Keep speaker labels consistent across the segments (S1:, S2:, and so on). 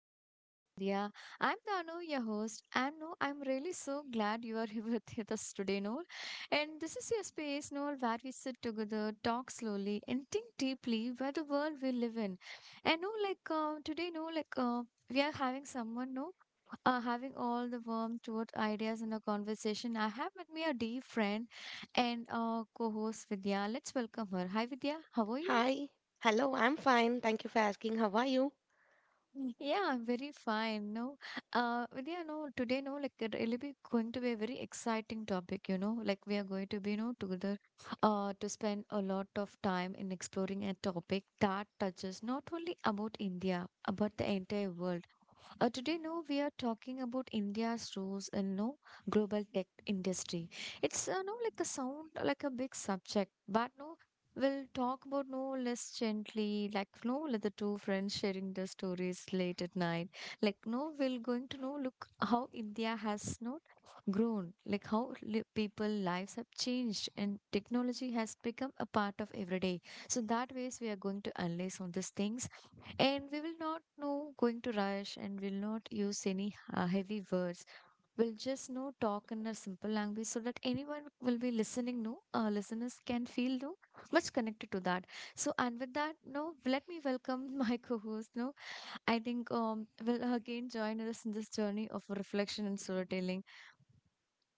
S1: to Echoes of India. I'm Danu, your host, and no, I'm really so glad you are here with us today, Noel. And this is your space, Noel, where we sit together, talk slowly, and think deeply where the world we live in. And no, like today, no, like we are having someone, no, having all the warm thought ideas in a conversation. I have with me a dear friend and co-host Vidya. Let's welcome her. Hi Vidya, how are you?
S2: Hi. Hello, I'm fine. Thank you for asking. How are you?
S1: Mm, yeah, I'm very fine. No, Vidya, no, today, no, like it really be going to be a very exciting topic, you know, like we are going to be, you know, together, to spend a lot of time in exploring a topic that touches not only about India, about the entire world. Today, no, we are talking about India's roles in no global tech industry. It's no like the sound like a big subject, but no, we'll talk about no less gently, like no like the two friends sharing the stories late at night. Like no, we're going to know look how India has no grown, like how people lives have changed and technology has become a part of everyday. So that ways we are going to analyze on these things and we will not know going to rush and we'll not use any heavy words. We'll just know talk in a simple language so that anyone will be listening, no, listeners can feel no much connected to that. So and with that, no, let me welcome my co-host. No, I think will again join us in this journey of reflection and storytelling.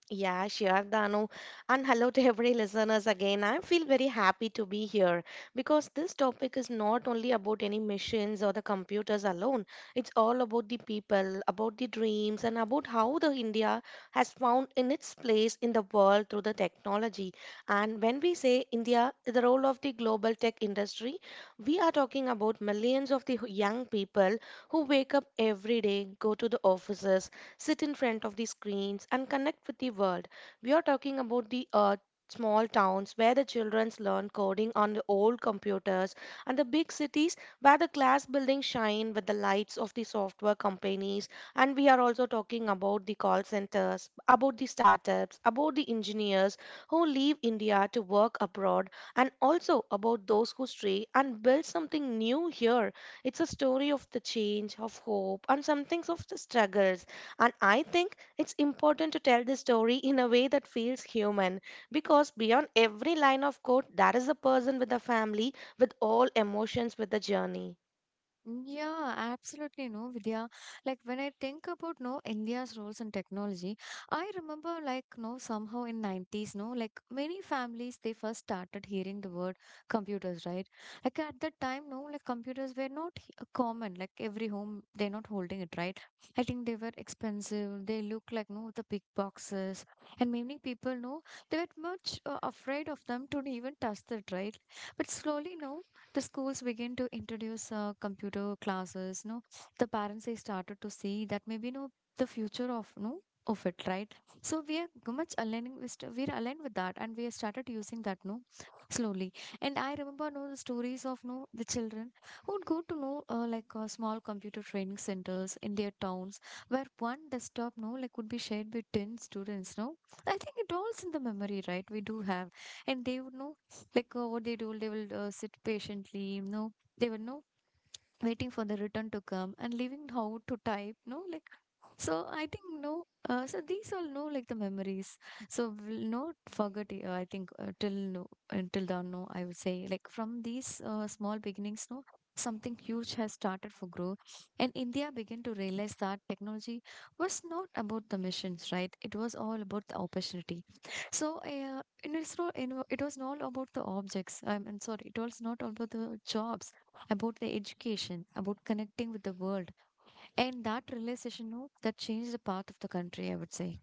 S2: Yeah, sure, Danu. And hello to every listeners again. I feel very happy to be here because this topic is not only about any machines or the computers alone. It's all about the people, about the dreams, and about how the India has found in its place in the world through the technology. And when we say India, the role of the global tech industry, we are talking about millions of the young people who wake up every day, go to the offices, sit in front of the screens, and connect with the world. We are talking about the small towns where the children learn coding on the old computers and the big cities where the class buildings shine with the lights of the software companies, and we are also talking about the call centers, about the startups, about the engineers who leave india to work abroad, and also about those who stray and build something new here. It's a story of the change, of hope, and some things of the struggles, and I think it's important to tell the story in a way that feels human, because beyond every line of code, there is a person with a family, with all emotions, with a journey.
S1: Yeah, absolutely no, Vidya. Like when I think about no India's roles in technology, I remember like no somehow in 90s no like many families they first started hearing the word computers, right? Like at that time no like computers were not common. Like every home they're not holding it, right? I think they were expensive. They look like no the big boxes, and many people no they were much afraid of them to even touch it, right? But slowly no the schools begin to introduce computer classes no the parents they started to see that maybe no the future of no of it right so we are much aligning with we're aligned with that and we have started using that no slowly. And I remember no the stories of no the children who would go to no small computer training centers in their towns where one desktop no like would be shared with 10 students no I think it all's in the memory right we do have. And they would know like what they do, they will sit patiently, you know, they were no waiting for the return to come and leaving how to type, no, like so I think no. So these all know like the memories. So we'll not forget. I think till no until down no. I would say like from these small beginnings no. Something huge has started for growth, and India began to realize that technology was not about the missions, right? It was all about the opportunity. So, and it's not, you know, it was not about the objects. I'm sorry, it was not about the jobs, about the education, about connecting with the world and that realization, you know, that changed the path of the country, I would say.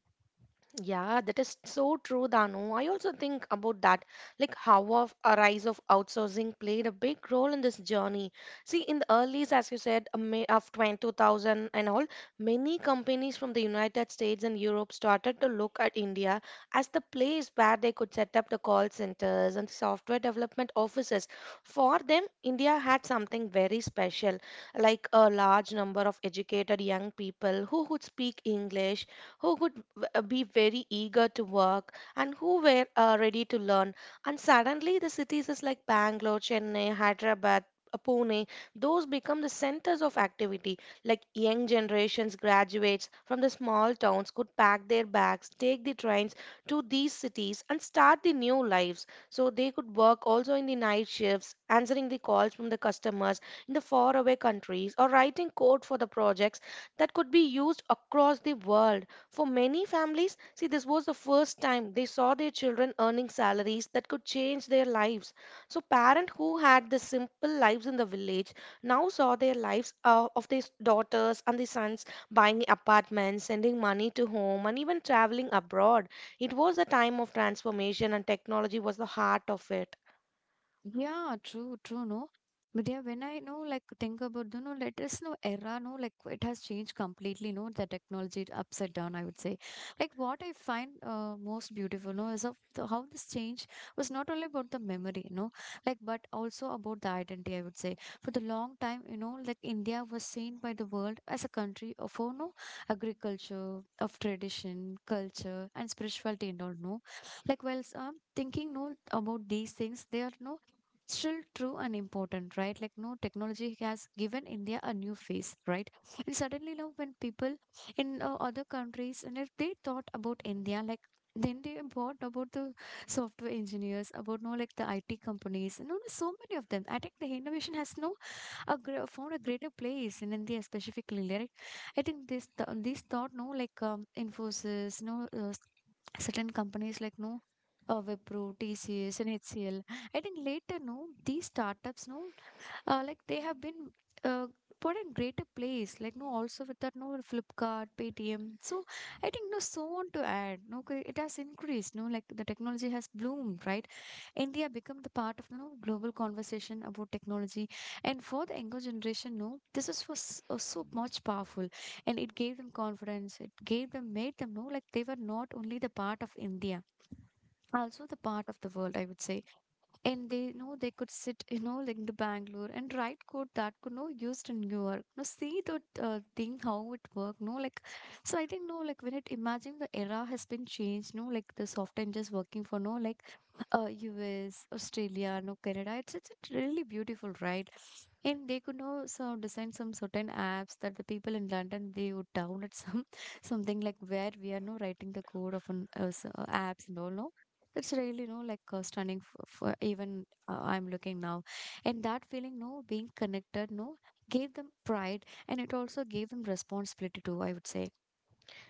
S2: Yeah, that is so true, Danu. I also think about that, like how of a rise of outsourcing played a big role in this journey. See, in the early, as you said, a May of 2000 and all, many companies from the United States and Europe started to look at India as the place where they could set up the call centers and software development offices. For them, India had something very special, like a large number of educated young people who would speak English, who would be very eager to work and who were ready to learn. And suddenly, the cities is like Bangalore, Chennai, Hyderabad, Pune, those become the centers of activity. Like young generations, graduates from the small towns could pack their bags, take the trains to these cities, and start the new lives. So they could work also in the night shifts, answering the calls from the customers in the faraway countries, or writing code for the projects that could be used across the world. For many families, see, this was the first time they saw their children earning salaries that could change their lives. So parents who had the simple lives in the village now saw their lives, of their daughters and their sons, buying apartments, sending money to home, and even traveling abroad. It was a time of transformation, and technology was the heart of it.
S1: Yeah, true, no. But yeah, when I know, like, think about the no, let us know era, no, like, it has changed completely, no, the technology upside down, I would say. Like, what I find most beautiful, no, is of the, how this change was not only about the memory, you know, like, but also about the identity, I would say. For the long time, you know, like, India was seen by the world as a country of, oh, no, agriculture, of tradition, culture, and spirituality and all, no. Like, while some thinking, no, about these things, they are, no, still true and important, right? Like, no, technology has given India a new face, right? And suddenly, now, when people in other countries, and if they thought about India, like, then they bought about the software engineers, about no like the IT companies, no, no, so many of them. I think the innovation has no a found a greater place in India specifically, right? I think this this thought no like Infosys, no certain companies like no Wipro, TCS, and HCL. I think later, no, these startups, no, like they have been uh, put in greater place. Like no, also with that, no, Flipkart, Paytm. So I think no, so on to add. No, 'cause it has increased. No, like the technology has bloomed, right? India become the part of you know, global conversation about technology. And for the younger generation, no, this is was so much powerful, and it gave them confidence. It gave them, made them know like they were not only the part of India, also the part of the world. I would say and they you know they could sit you know like in the Bangalore and write code that could no used in New York no see the thing how it work no like so I think no like when it imagine the era has been changed no like the soft just working for no like US Australia no Canada it's really beautiful right and they could know so design some certain apps that the people in London they would download some something like where we are no writing the code of an apps and all no it's really, no like stunning for even I'm looking now. And that feeling, no, being connected, no, gave them pride and it also gave them responsibility too, I would say.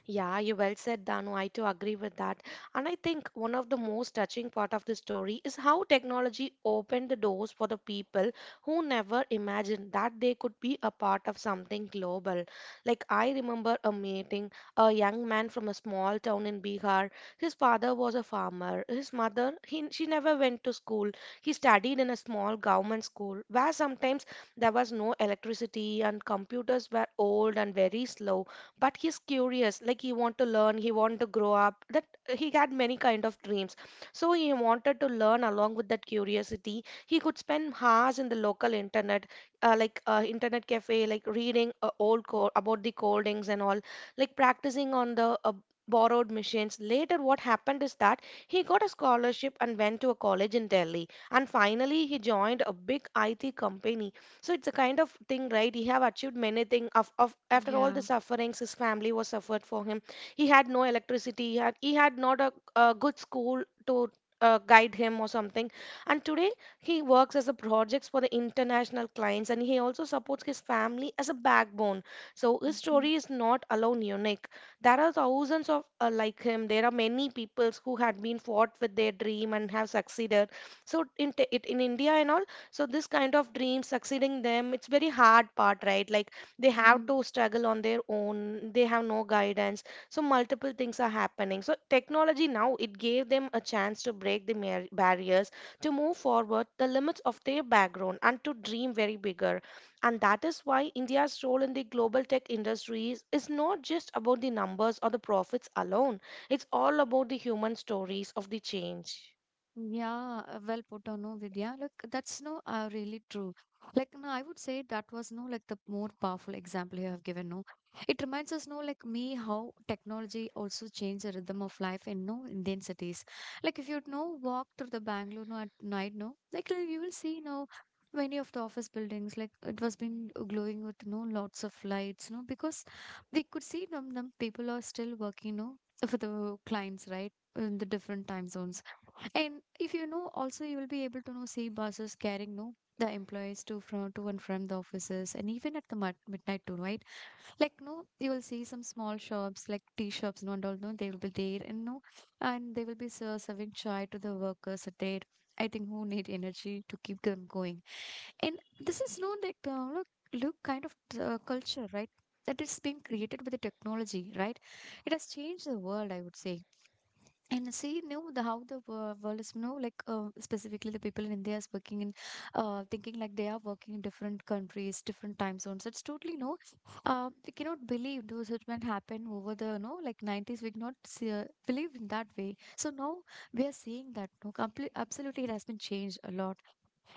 S2: Yeah, you well said, Danu. I too agree with that. And I think one of the most touching part of the story is how technology opened the doors for the people who never imagined that they could be a part of something global. Like I remember a meeting, a young man from a small town in Bihar. His father was a farmer. His mother, she never went to school. He studied in a small government school where sometimes there was no electricity and computers were old and very slow, but he's curious, like he want to learn, he want to grow up, that he had many kind of dreams. So he wanted to learn, along with that curiosity he could spend hours in the local internet internet cafe, like reading about the codings and all, like practicing on the borrowed machines. Later, what happened is that he got a scholarship and went to a college in Delhi, and finally he joined a big IT company. So it's a kind of thing, right? He have achieved many things. After all the
S1: Yeah.
S2: sufferings his family was suffered for him, he had no electricity. He had not a good school to guide him or something. And today he works as a projects for the international clients, and he also supports his family as a backbone. So his
S1: Mhm.
S2: story is not alone unique. There are thousands of like him. There are many peoples who had been fought with their dream and have succeeded. So in India and all, so this kind of dream succeeding them, it's very hard part, right? Like they have
S1: Mm.
S2: to struggle on their own, they have no guidance. So multiple things are happening. So technology now it gave them a chance to break the barriers, to move forward the limits of their background, and to dream very bigger. And that is why india's role in the global tech industries is not just about the numbers or the profits alone. It's all about the human stories of the change.
S1: Yeah, well put on, no, Vidya. Like that's no, really true. Like no, I would say that was no, like the more powerful example you have given. No, it reminds us, no, like me, how technology also changed the rhythm of life in no Indian cities. Like if you know walk through the Bangalore no at night, no, like you will see no many of the office buildings like it was been glowing with no lots of lights, no, because we could see them. Them people are still working, no, for the clients, right, in the different time zones. And if you know, also you will be able to know see buses carrying no the employees to from to and from the offices and even at the midnight too, right? Like no, you will see some small shops like tea shops, no, and all no, they will be there and no, and they will be serving chai to the workers there. I think who need energy to keep them going. And this is no like look kind of culture, right? That is being created with the technology, right? It has changed the world, I would say. And see now the how the world is you know like specifically the people in India is working in thinking like they are working in different countries, different time zones. It's totally no, we cannot believe those which might happen over the you know like 90s. We cannot see, believe in that way. So now we are seeing that no, complete absolutely it has been changed a lot,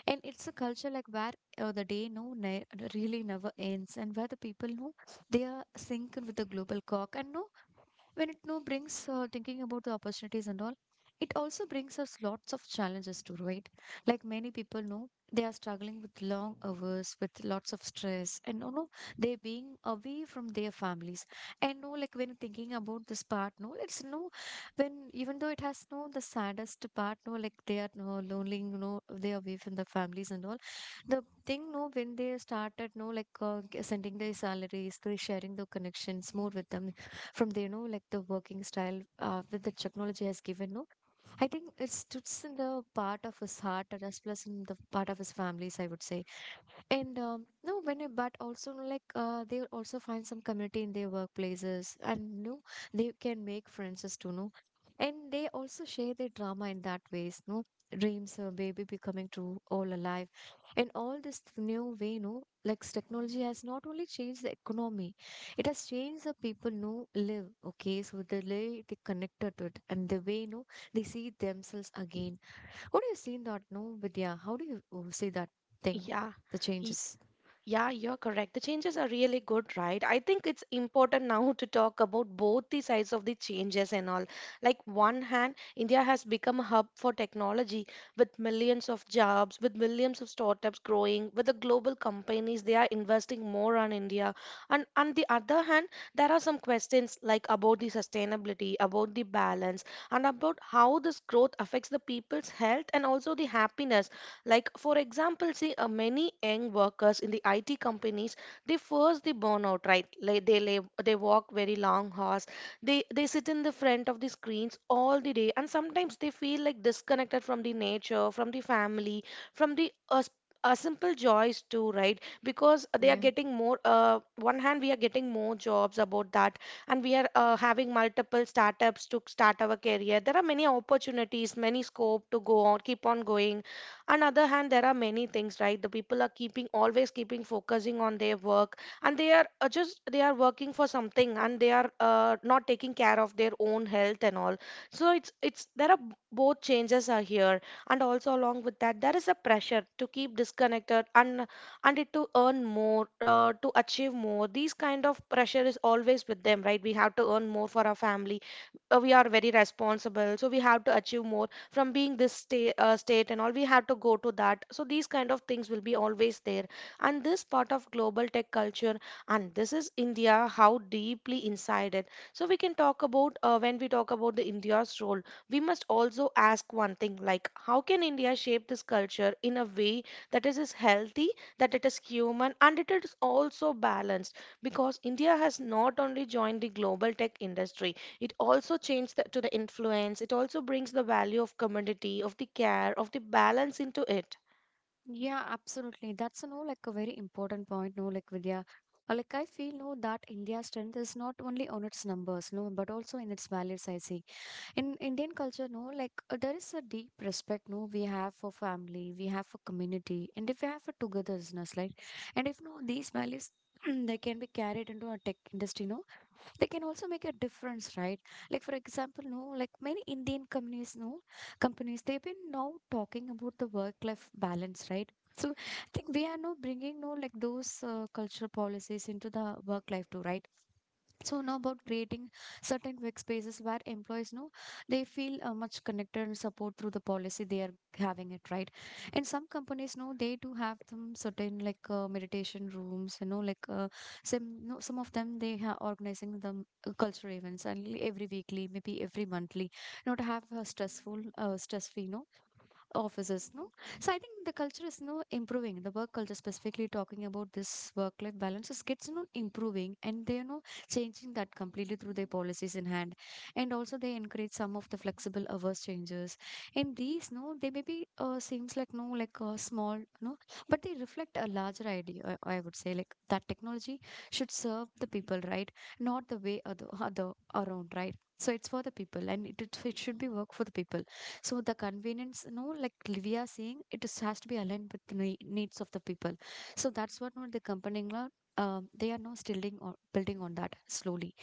S1: and it's a culture like where the day no really never ends, and where the people know they are synced with the global clock. And no, when it now brings thinking about the opportunities and all, it also brings us lots of challenges too, right? Like many people know they are struggling with long hours with lots of stress and no, no, they being away from their families. And no, like when thinking about this part no, it's no, when even though it has no the saddest part no, like they are no lonely, you know, they are away from the families and all. The thing no, when they started no, like sending their salaries, they sharing the connections more with them from the you know like the working style that the technology has given no. I think it stood in the part of his heart as well as in the part of his families, I would say. And no, when but also no, like they also find some community in their workplaces, and no, they can make friends as to know, and they also share their drama in that ways. No, dreams, or baby becoming true, all alive, and all this new way. No, like technology has not only changed the economy, it has changed the people. No live, okay, so the way they connected to it, and the way no they see themselves again. What do you see that? No, Vidya, how do you see that thing,
S2: Yeah.
S1: the changes?
S2: Yeah, you're correct. The changes are really good, right? I think it's important now to talk about both the sides of the changes and all. Like one hand, India has become a hub for technology, with millions of jobs, with millions of startups growing, with the global companies they are investing more on India. And on the other hand, there are some questions like about the sustainability, about the balance, and about how this growth affects the people's health and also the happiness. Like, for example, see, many young workers in the IT companies, they first they burn out, right? Like, they lay, they walk very long hours. They sit in the front of the screens all the day, and sometimes they feel like disconnected from the nature, from the family, from the simple joys too, right? Because they are
S1: Yeah.
S2: getting more. One hand, we are getting more jobs about that, and we are having multiple startups to start our career. There are many opportunities, many scope to go on, keep on going. On other hand there are many things, right? The people are keeping, always keeping focusing on their work, and they are just they are working for something, and they are not taking care of their own health and all. So it's there are both changes are here. And also along with that, there is a pressure to keep disconnected, and it to earn more, to achieve more. These kind of pressure is always with them, right? We have to earn more for our family, we are very responsible, so we have to achieve more. From being this state, state and all, we have to go to that. So these kind of things will be always there, and this part of global tech culture, and this is India how deeply inside it. So we can talk about, when we talk about the india's role, we must also ask one thing, like how can India shape this culture in a way that it is healthy, that it is human, and it is also balanced. Because India has not only joined the global tech industry, it also changes the, to the influence. It also brings the value of community, of the care, of the balance into it.
S1: Yeah, absolutely. That's you know, like a very important point, no, like Vidya. Like I feel no that India's strength is not only on its numbers, no, but also in its values. I see in Indian culture, no, like there is a deep respect, no, we have for family, we have for community, and if we have for togetherness, like, and if no these values they can be carried into a tech industry, no, they can also make a difference, right? Like for example, no, like many Indian companies, no, companies they've been now talking about the work-life balance, right? So I think we are now bringing no like those cultural policies into the work life too, right? So now about creating certain workspaces where employees know they feel much connected and support through the policy they are having it, right. And some companies know they do have some certain like meditation rooms, you know, like some no, some of them they are organizing them cultural events and every weekly, maybe every monthly, you know, to have a stressful, stress free, you know, offices no. So I think the culture is now improving the work culture, specifically talking about this work life balance is gets you know improving, and they are you changing that completely through their policies in hand. And also they encourage some of the flexible hours changes, and these no they maybe seems like no like small no, but they reflect a larger idea, I would say, like that technology should serve the people, right? Not the way other around, right? So it's for the people, and it should be work for the people. So the convenience, no, like we saying, it is, has to be aligned with the needs of the people. So that's what no, the company, no, they are now building on that slowly.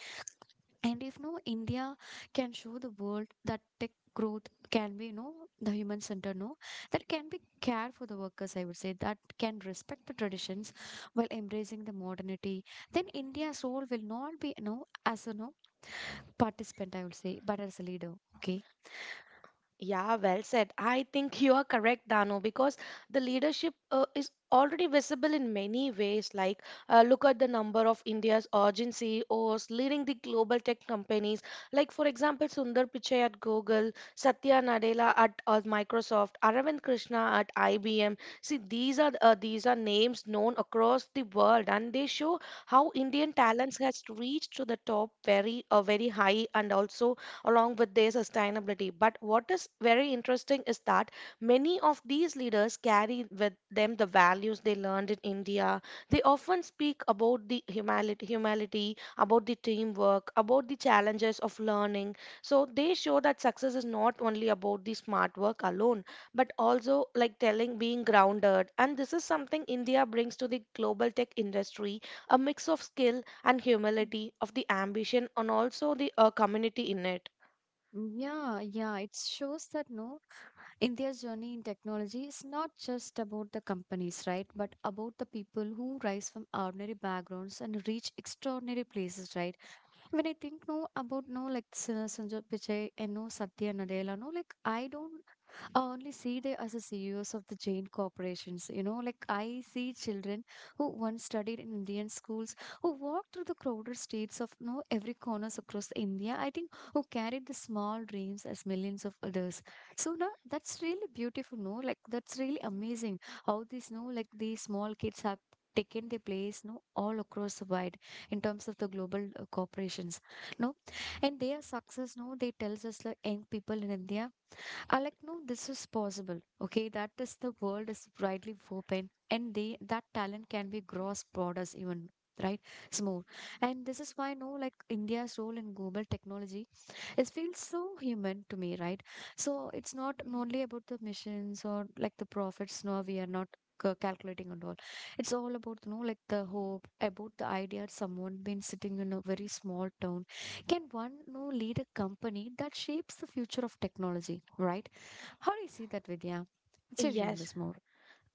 S1: And if no, India can show the world that tech growth can be, no, the human center, no, that can be care for the workers, I would say, that can respect the traditions while embracing the modernity, then India's role will not be, no, as a, no, participant, I would say, but as a leader. Okay.
S2: Yeah, well said. I think you are correct, Dano, because the leadership is already visible in many ways. Like, look at the number of India's urgency CEOs leading the global tech companies. Like, for example, Sundar Pichai at Google, Satya Nadella at Microsoft, Aravind Krishna at IBM. See, these are names known across the world, and they show how Indian talents has reached to the top very, very high, and also along with their sustainability. But what is very interesting is that many of these leaders carry with them the values they learned in India. They often speak about the humility, humility, about the teamwork, about the challenges of learning. So they show that success is not only about the smart work alone, but also like telling being grounded. And this is something India brings to the global tech industry, a mix of skill and humility, of the ambition, and also the community in it.
S1: Mm. Yeah, yeah, it shows that no, India's journey in technology is not just about the companies, right? But about the people who rise from ordinary backgrounds and reach extraordinary places, right? When I think no about no like Sundar Pichai and no Satya Nadella, no like I don't I only see them as a CEOs of the Jain corporations. You know, like I see children who once studied in Indian schools, who walked through the crowded streets of no every corners across India. I think who carried the small dreams as millions of others. So now that's really beautiful. No, like that's really amazing how these no like these small kids have taken their place no all across the wide in terms of the global corporations no. And their success no they tells us like young people in India, I like, no, this is possible. Okay, that is the world is widely open, and they that talent can be gross borders even, right? It's more. And this is why no like India's role in global technology, it feels so human to me, right? So it's not only about the missions or like the profits no, we are not calculating and all. It's all about you know like the hope, about the idea someone been sitting in a very small town can one you know lead a company that shapes the future of technology, right? How do you see that, Vidya? What's your view on
S2: Yes.
S1: this more?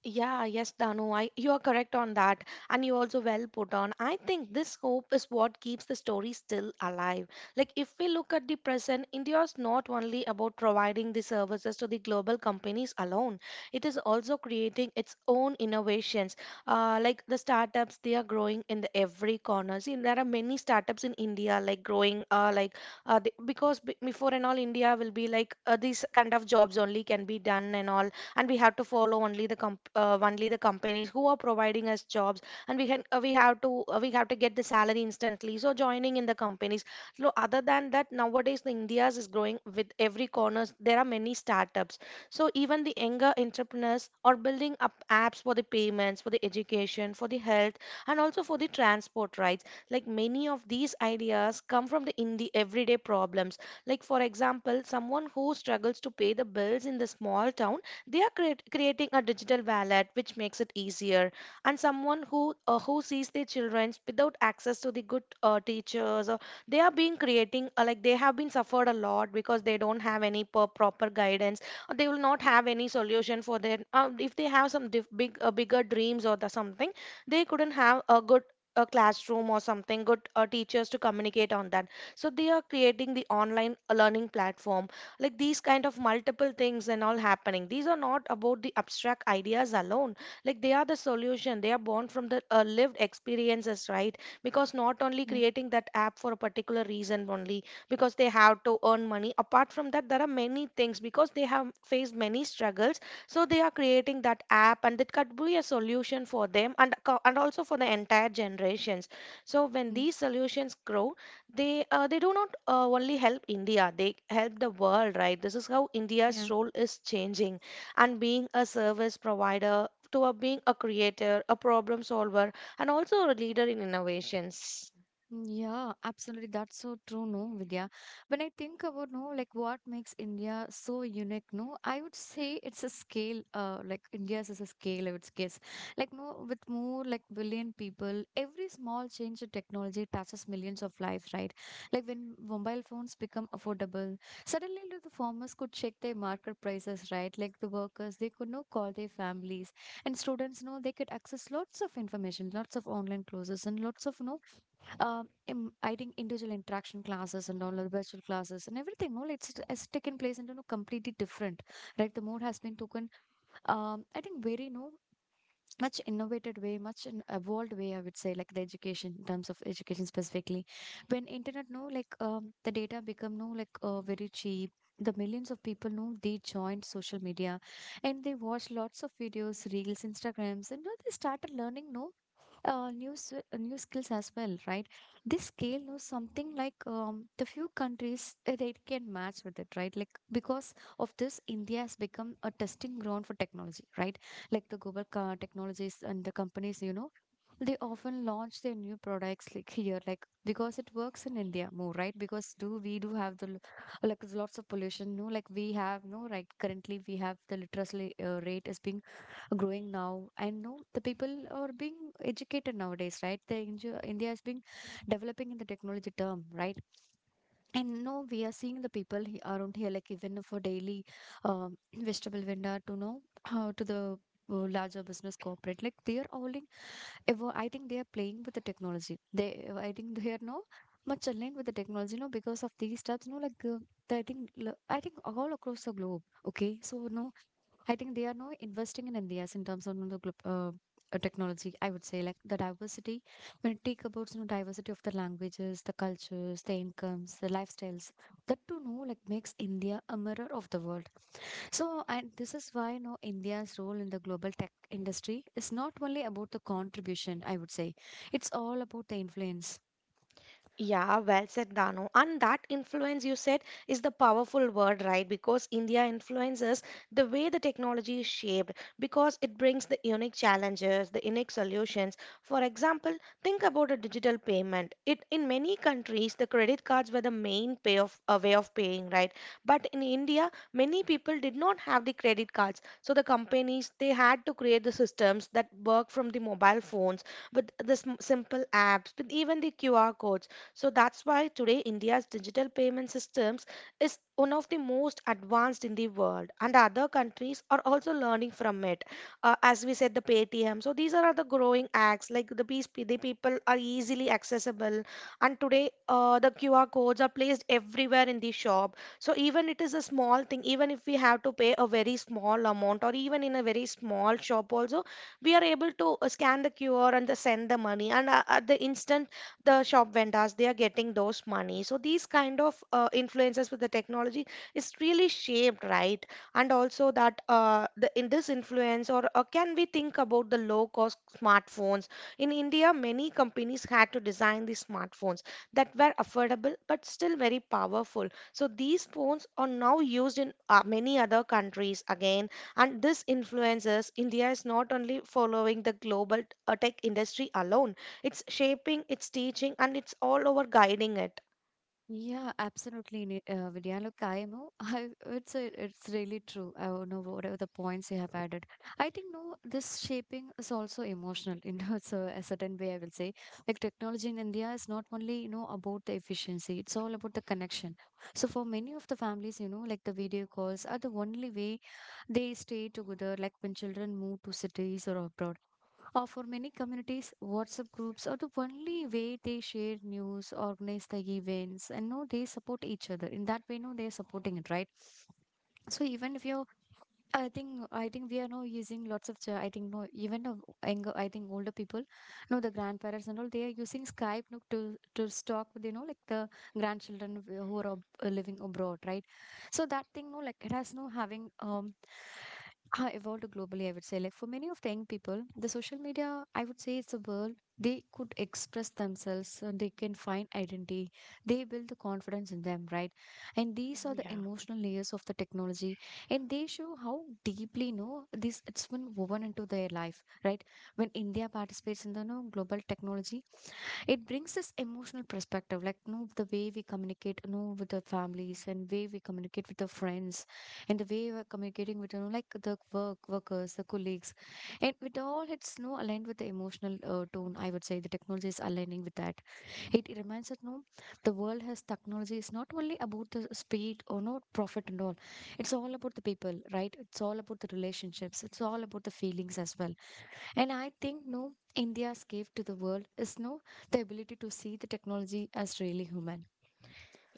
S2: Yeah, yes, Danu, I, you are correct on that, and you also well put on. I think this hope is what keeps the story still alive. Like, if we look at the present, India is not only about providing the services to the global companies alone, it is also creating its own innovations. Like the startups, they are growing in the every corner. See, there are many startups in India, like growing, before and all, India will be like these kind of jobs only can be done and all, and we have to follow only the only the companies who are providing us jobs, and we have to get the salary instantly, so joining in the companies. So other than that, nowadays the india's is growing with every corners. There are many startups. So even the younger entrepreneurs are building up apps for the payments, for the education, for the health, and also for the transport rights. Like, many of these ideas come from the everyday problems. Like, for example, someone who struggles to pay the bills in the small town, they are creating a digital wallet which makes it easier. And someone who sees their children without access to the good teachers, or they are being creating like they have been suffered a lot because they don't have any proper guidance, or they will not have any solution for their if they have some diff, big bigger dreams or the something, they couldn't have a good a classroom or something good teachers to communicate on that. So they are creating the online learning platform, like these kind of multiple things and all happening. These are not about the abstract ideas alone. Like, they are the solution, they are born from the lived experiences, right? Because not only
S1: Yeah.
S2: creating that app for a particular reason only, because they have to earn money. Apart from that, there are many things, because they have faced many struggles. So they are creating that app, and it could be a solution for them, and also for the entire generations. So when
S1: Mm.
S2: these solutions grow, they do not only help India, they help the world, right? This is how India's
S1: Yeah.
S2: role is changing, and being a service provider to a, being a creator, a problem solver, and also a leader in innovations.
S1: Yeah, absolutely. That's so true, no, Vidya. When I think about no, like what makes India so unique, no, I would say it's a scale, like India's is a scale, I would guess. Like no, with more like billion people, every small change in technology touches millions of lives, right? Like when mobile phones become affordable, suddenly like, the farmers could check their market prices, right? Like the workers, they could no call their families, and students, no, they could access lots of information, lots of online courses, and lots of no I think individual interaction classes and all the virtual classes and everything. No, it's taken place into no completely different, right? The mode has been taken. I think very no much innovated way, much in evolved way. I would say like the education in terms of education specifically, when internet no like the data become no like very cheap. The millions of people know they joined social media and they watched lots of videos, reels, Instagrams, and now they started learning no new skills as well, right? This scale knows something like the few countries they can match with it, right? Like because of this, India has become a testing ground for technology, right? Like the global car technologies and the companies, you know, they often launch their new products like here, like because it works in India more, right? Because do we do have the like lots of pollution, no? Like we have no right currently we have the literacy rate is being growing now. I know the people are being educated nowadays, right? The India is being developing in the technology term, right? And now we are seeing the people around here, like even for daily vegetable vendor to know how to the larger business corporate, like they are holding. I think they are playing with the technology, they I think they are now much aligned with the technology no because of these steps no like I think I think all across the globe, okay, so no I think they are now investing in India's in terms of you know, technology. I would say like the diversity, when you take about you know diversity of the languages, the cultures, the incomes, the lifestyles. That to know like makes India a mirror of the world. So and this is why you know India's role in the global tech industry is not only about the contribution. I would say it's all about the influence.
S2: Yeah, well said, Dano. And that influence you said is the powerful word, right? Because India influences the way the technology is shaped, because it brings the unique challenges, the unique solutions. For example, think about a digital payment. It in many countries the credit cards were the main pay of a way of paying, right? But in India, many people did not have the credit cards. So the companies, they had to create the systems that work from the mobile phones, with the simple apps, with even the QR codes. So that's why today India's digital payment systems is one of the most advanced in the world, and other countries are also learning from it. As we said, the Paytm. So these are the growing acts like the peace, the people are easily accessible, and today the QR codes are placed everywhere in the shop. So even it is a small thing, even if we have to pay a very small amount, or even in a very small shop also, we are able to scan the QR and the send the money, and at the instant the shop vendors they are getting those money. So these kind of influences with the technology is really shaped, right? And also that the in this influence or can we think about the low cost smartphones. In india, many companies had to design these smartphones that were affordable but still very powerful. So these phones are now used in many other countries again. And this influences, india is not only following the global tech industry alone. It's shaping, it's teaching, and it's all over guiding it.
S1: Yeah, absolutely, Vidya. Look, I know I, it's a, it's really true. I don't know whatever the points you have added. I think no, this shaping is also emotional in so a certain way. I will say, like technology in India is not only you know about the efficiency; it's all about the connection. So for many of the families, you know, like the video calls are the only way they stay together. Like when children move to cities or abroad. Or for many communities, WhatsApp groups are the only way they share news, organize the events, and know they support each other. In that way, no, they're supporting it, right? So even if you're I think we are now using lots of I think no even of younger, I think older people no, the grandparents and all, they are using Skype no, to stalk you know like the grandchildren who are living abroad, right? So that thing no like it has no having evolved globally, I would say, like for many of the young people the social media, I would say, it's a world they could express themselves and they can find identity, they build the confidence in them, right? And these are the
S2: Yeah.
S1: emotional layers of the technology, and they show how deeply no this it's been woven into their life, right? When India participates in the no global technology, it brings this emotional perspective, like no the way we communicate no with the families and way we communicate with the friends, and the way we're communicating with you know like the work workers the colleagues and with all, it's no aligned with the emotional tone, I would say the technology is aligning with that. It reminds us no, the world has technology is not only about the speed or no profit and all. It's all about the people, right? It's all about the relationships. It's all about the feelings as well. And I think no, India's gift to the world is no the ability to see the technology as really human.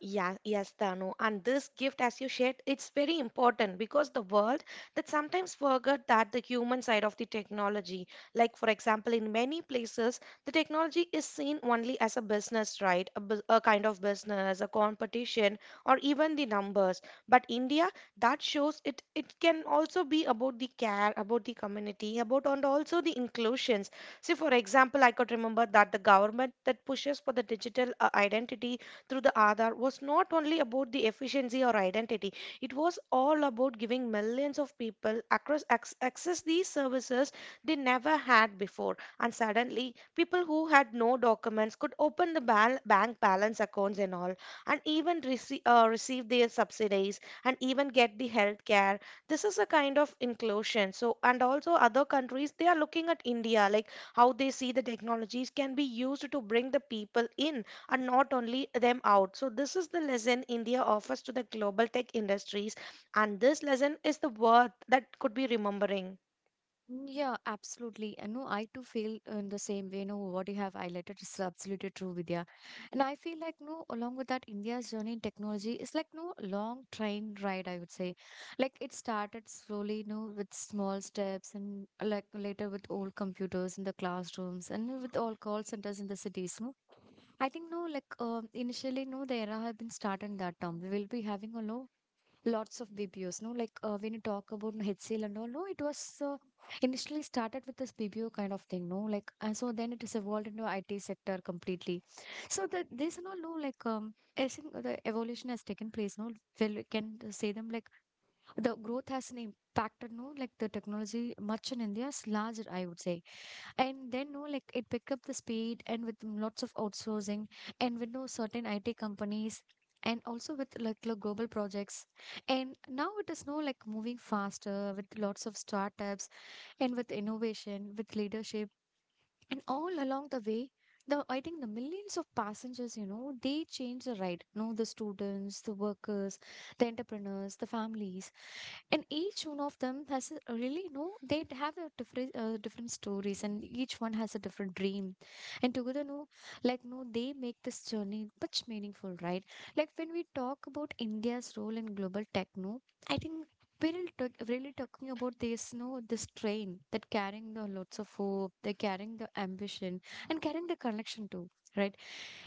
S2: Yeah, yes, Danu. And this gift, as you shared, it's very important, because the world that sometimes forget that the human side of the technology. Like, for example, in many places, the technology is seen only as a business, right? A kind of business, a competition, or even the numbers. But India, that shows it. It can also be about the care, about the community, about and also the inclusions. See, for example, I could remember that the government that pushes for the digital identity through the Aadhaar was not only about the efficiency or identity, it was all about giving millions of people across access these services they never had before. And suddenly, people who had no documents could open the bank balance accounts and all, and even receive their subsidies and even get the health care. This is a kind of inclusion. So, and also other countries, they are looking at India, like how they see the technologies can be used to bring the people in and not only them out. So, this is the lesson India offers to the global tech industries, and this lesson is the worth that could be remembering.
S1: Mm. Yeah, absolutely. And no, I too feel in the same way. No, what you have highlighted is absolutely true, Vidya. And I feel like no, along with that, India's journey in technology is like no long train ride, I would say. Like it started slowly, no, with small steps and like later with old computers in the classrooms and with all call centers in the cities. No, I think initially no, the era have been started in that term. We will be having a low lots of BPOs. No, like when you talk about HCL and all, no, it was initially started with this BPO kind of thing. No, like and so then it is evolved into IT sector completely. So the this and all, no, like. I think the evolution has taken place, no? Well, we can say them like the growth has an impacted, no? Like the technology much in India is larger, I would say, and then no like it pick up the speed and with lots of outsourcing and with no certain IT companies and also with like global projects, and now it is no like moving faster with lots of startups and with innovation with leadership and all along the way, the I think the millions of passengers, you know, they change the ride, no, the students, the workers, the entrepreneurs, the families. And each one of them has a, really no they have a different stories, and each one has a different dream. And together no like no they make this journey much meaningful, right? Like when we talk about India's role in global tech, no, I think we're really talking about this no this train that carrying the lots of hope, they're carrying the ambition, and carrying the connection too, right?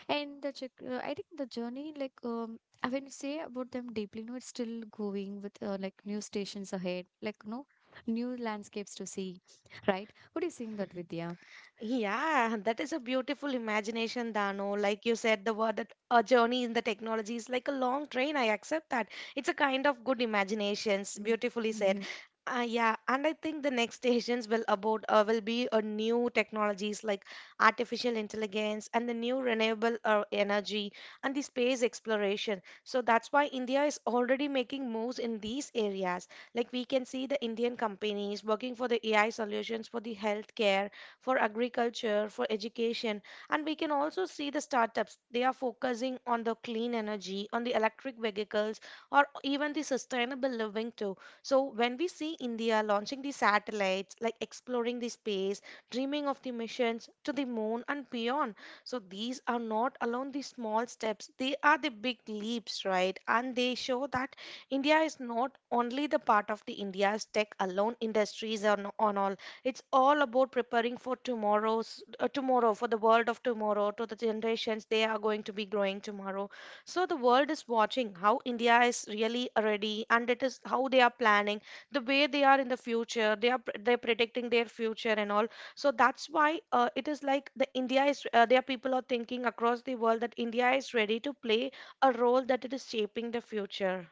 S1: And I think the journey, I when you say about them deeply, no, it's still going with like new stations ahead, like no new landscapes to see, right? What do you think that, Vidya?
S2: Yeah, that is a beautiful imagination, Dano. Like you said, the word that a journey in the technology is like a long train. I accept that. It's a kind of good imaginations. Beautifully said.
S1: Mm.
S2: Yeah, and I think the next stations will be a new technologies like artificial intelligence and the new renewable energy and the space exploration. So that's why India is already making moves in these areas. Like, we can see the Indian companies working for the AI solutions for the healthcare, for agriculture, for education. And we can also see the startups. They are focusing on the clean energy, on the electric vehicles, or even the sustainable living too. So when we see India launching the satellites, like exploring the space, dreaming of the missions to the moon and beyond. So these are not alone the small steps, they are the big leaps, right? And they show that India is not only the part of the India's tech alone industries or, no- on all. It's all about preparing for tomorrow, for the world of tomorrow, to the generations they are going to be growing tomorrow. So the world is watching how India is really ready, and it is how they are planning, the way they are in the future. They're predicting their future and all. So that's why it is like the India is their people are thinking across the world that India is ready to play a role that it is shaping the future.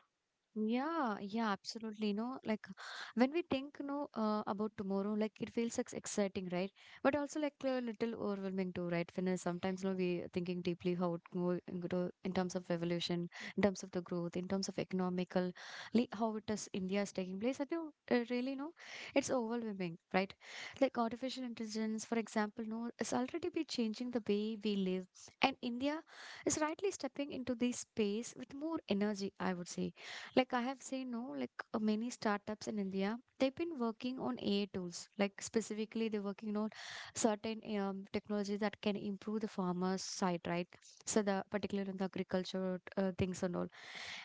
S1: Yeah, yeah, absolutely. No, like when we think, no, about tomorrow, like it feels like exciting, right? But also like a little overwhelming too, right? When sometimes, no, we thinking deeply how it go and go in terms of revolution, in terms of the growth, in terms of economical, how it is India is taking place. I think really, no, it's overwhelming, right? Like artificial intelligence, for example, no, is already be changing the way we live, and India is rightly stepping into this space with more energy, I would say. Like I have seen, no, many startups in India, they've been working on AI tools. Like specifically, they're working on certain technology that can improve the farmer's side, right? So the particularly in the agriculture things and all,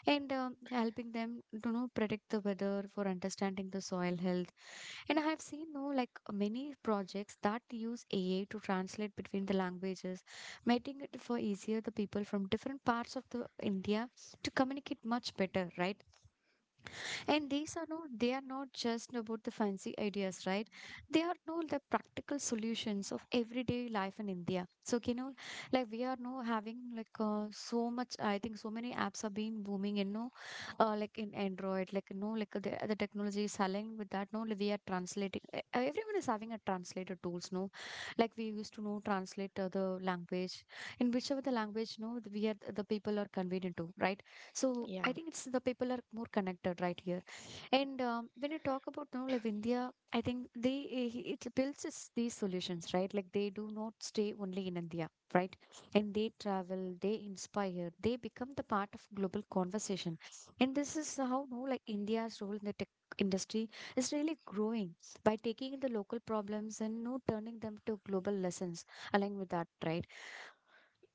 S1: and helping them to know predict the weather for understanding the soil health. And I have seen, no, like many projects that use AI to translate between the languages, making it for easier the people from different parts of the India to communicate much better, right? And these are not, they are not just about the fancy ideas, right? They are no the practical solutions of everyday life in India. So, you know, like we are now having so much, I think so many apps are being booming, you know, like in Android, like, you know, the technology is selling with that. No, like we are translating, everyone is having a translator tools, no? Like we used to know translate the language in whichever the language, no, we are the people are convenient to, right? So
S2: Yeah.
S1: I think it's the people are more connected right here. And when you talk about now, like India, I think it builds us these solutions, right? Like they do not stay only in India, right? And they travel, they inspire, they become the part of global conversation. And this is how no, like India's role in the tech industry is really growing by taking in the local problems and no turning them to global lessons along with that, right?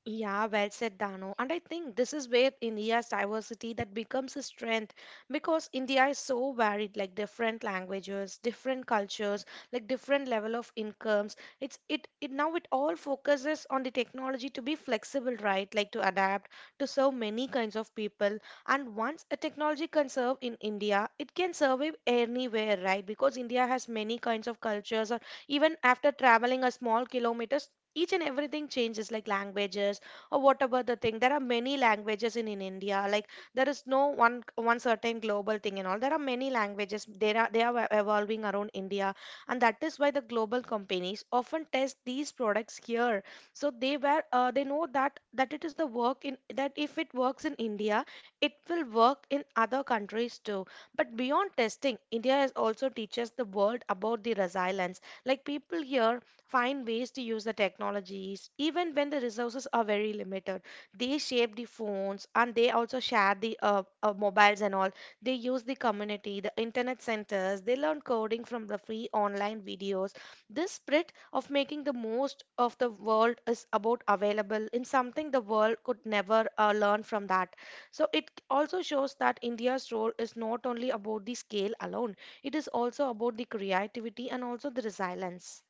S2: Yeah, well said, Dano. And I think this is where India's diversity that becomes a strength, because India is so varied, like different languages, different cultures, like different level of incomes. It's it, it now it all focuses on the technology to be flexible, right? Like, to adapt to serve many kinds of people. And once a technology can serve in India, it can survive anywhere, right? Because India has many kinds of cultures, or even after traveling a small kilometer, each and everything changes, like languages, or whatever the thing. There are many languages in india. Like, there is no one certain global thing and all. There are many languages, they are evolving around india. And that is why the global companies often test these products here. So they were they know that that it is the work in that, if it works in india, it will work in other countries too. But beyond testing, india is also teaches the world about the resilience. Like, people here find ways to use the technologies even when the resources are very limited. They shape the phones, and they also share the mobiles and all. They use the community, the internet centers. They learn coding from the free online videos. This spirit of making the most of the world is about available in something the world could never learn from that. So it also shows that india's role is not only about the scale alone. It is also about the creativity and also the resilience.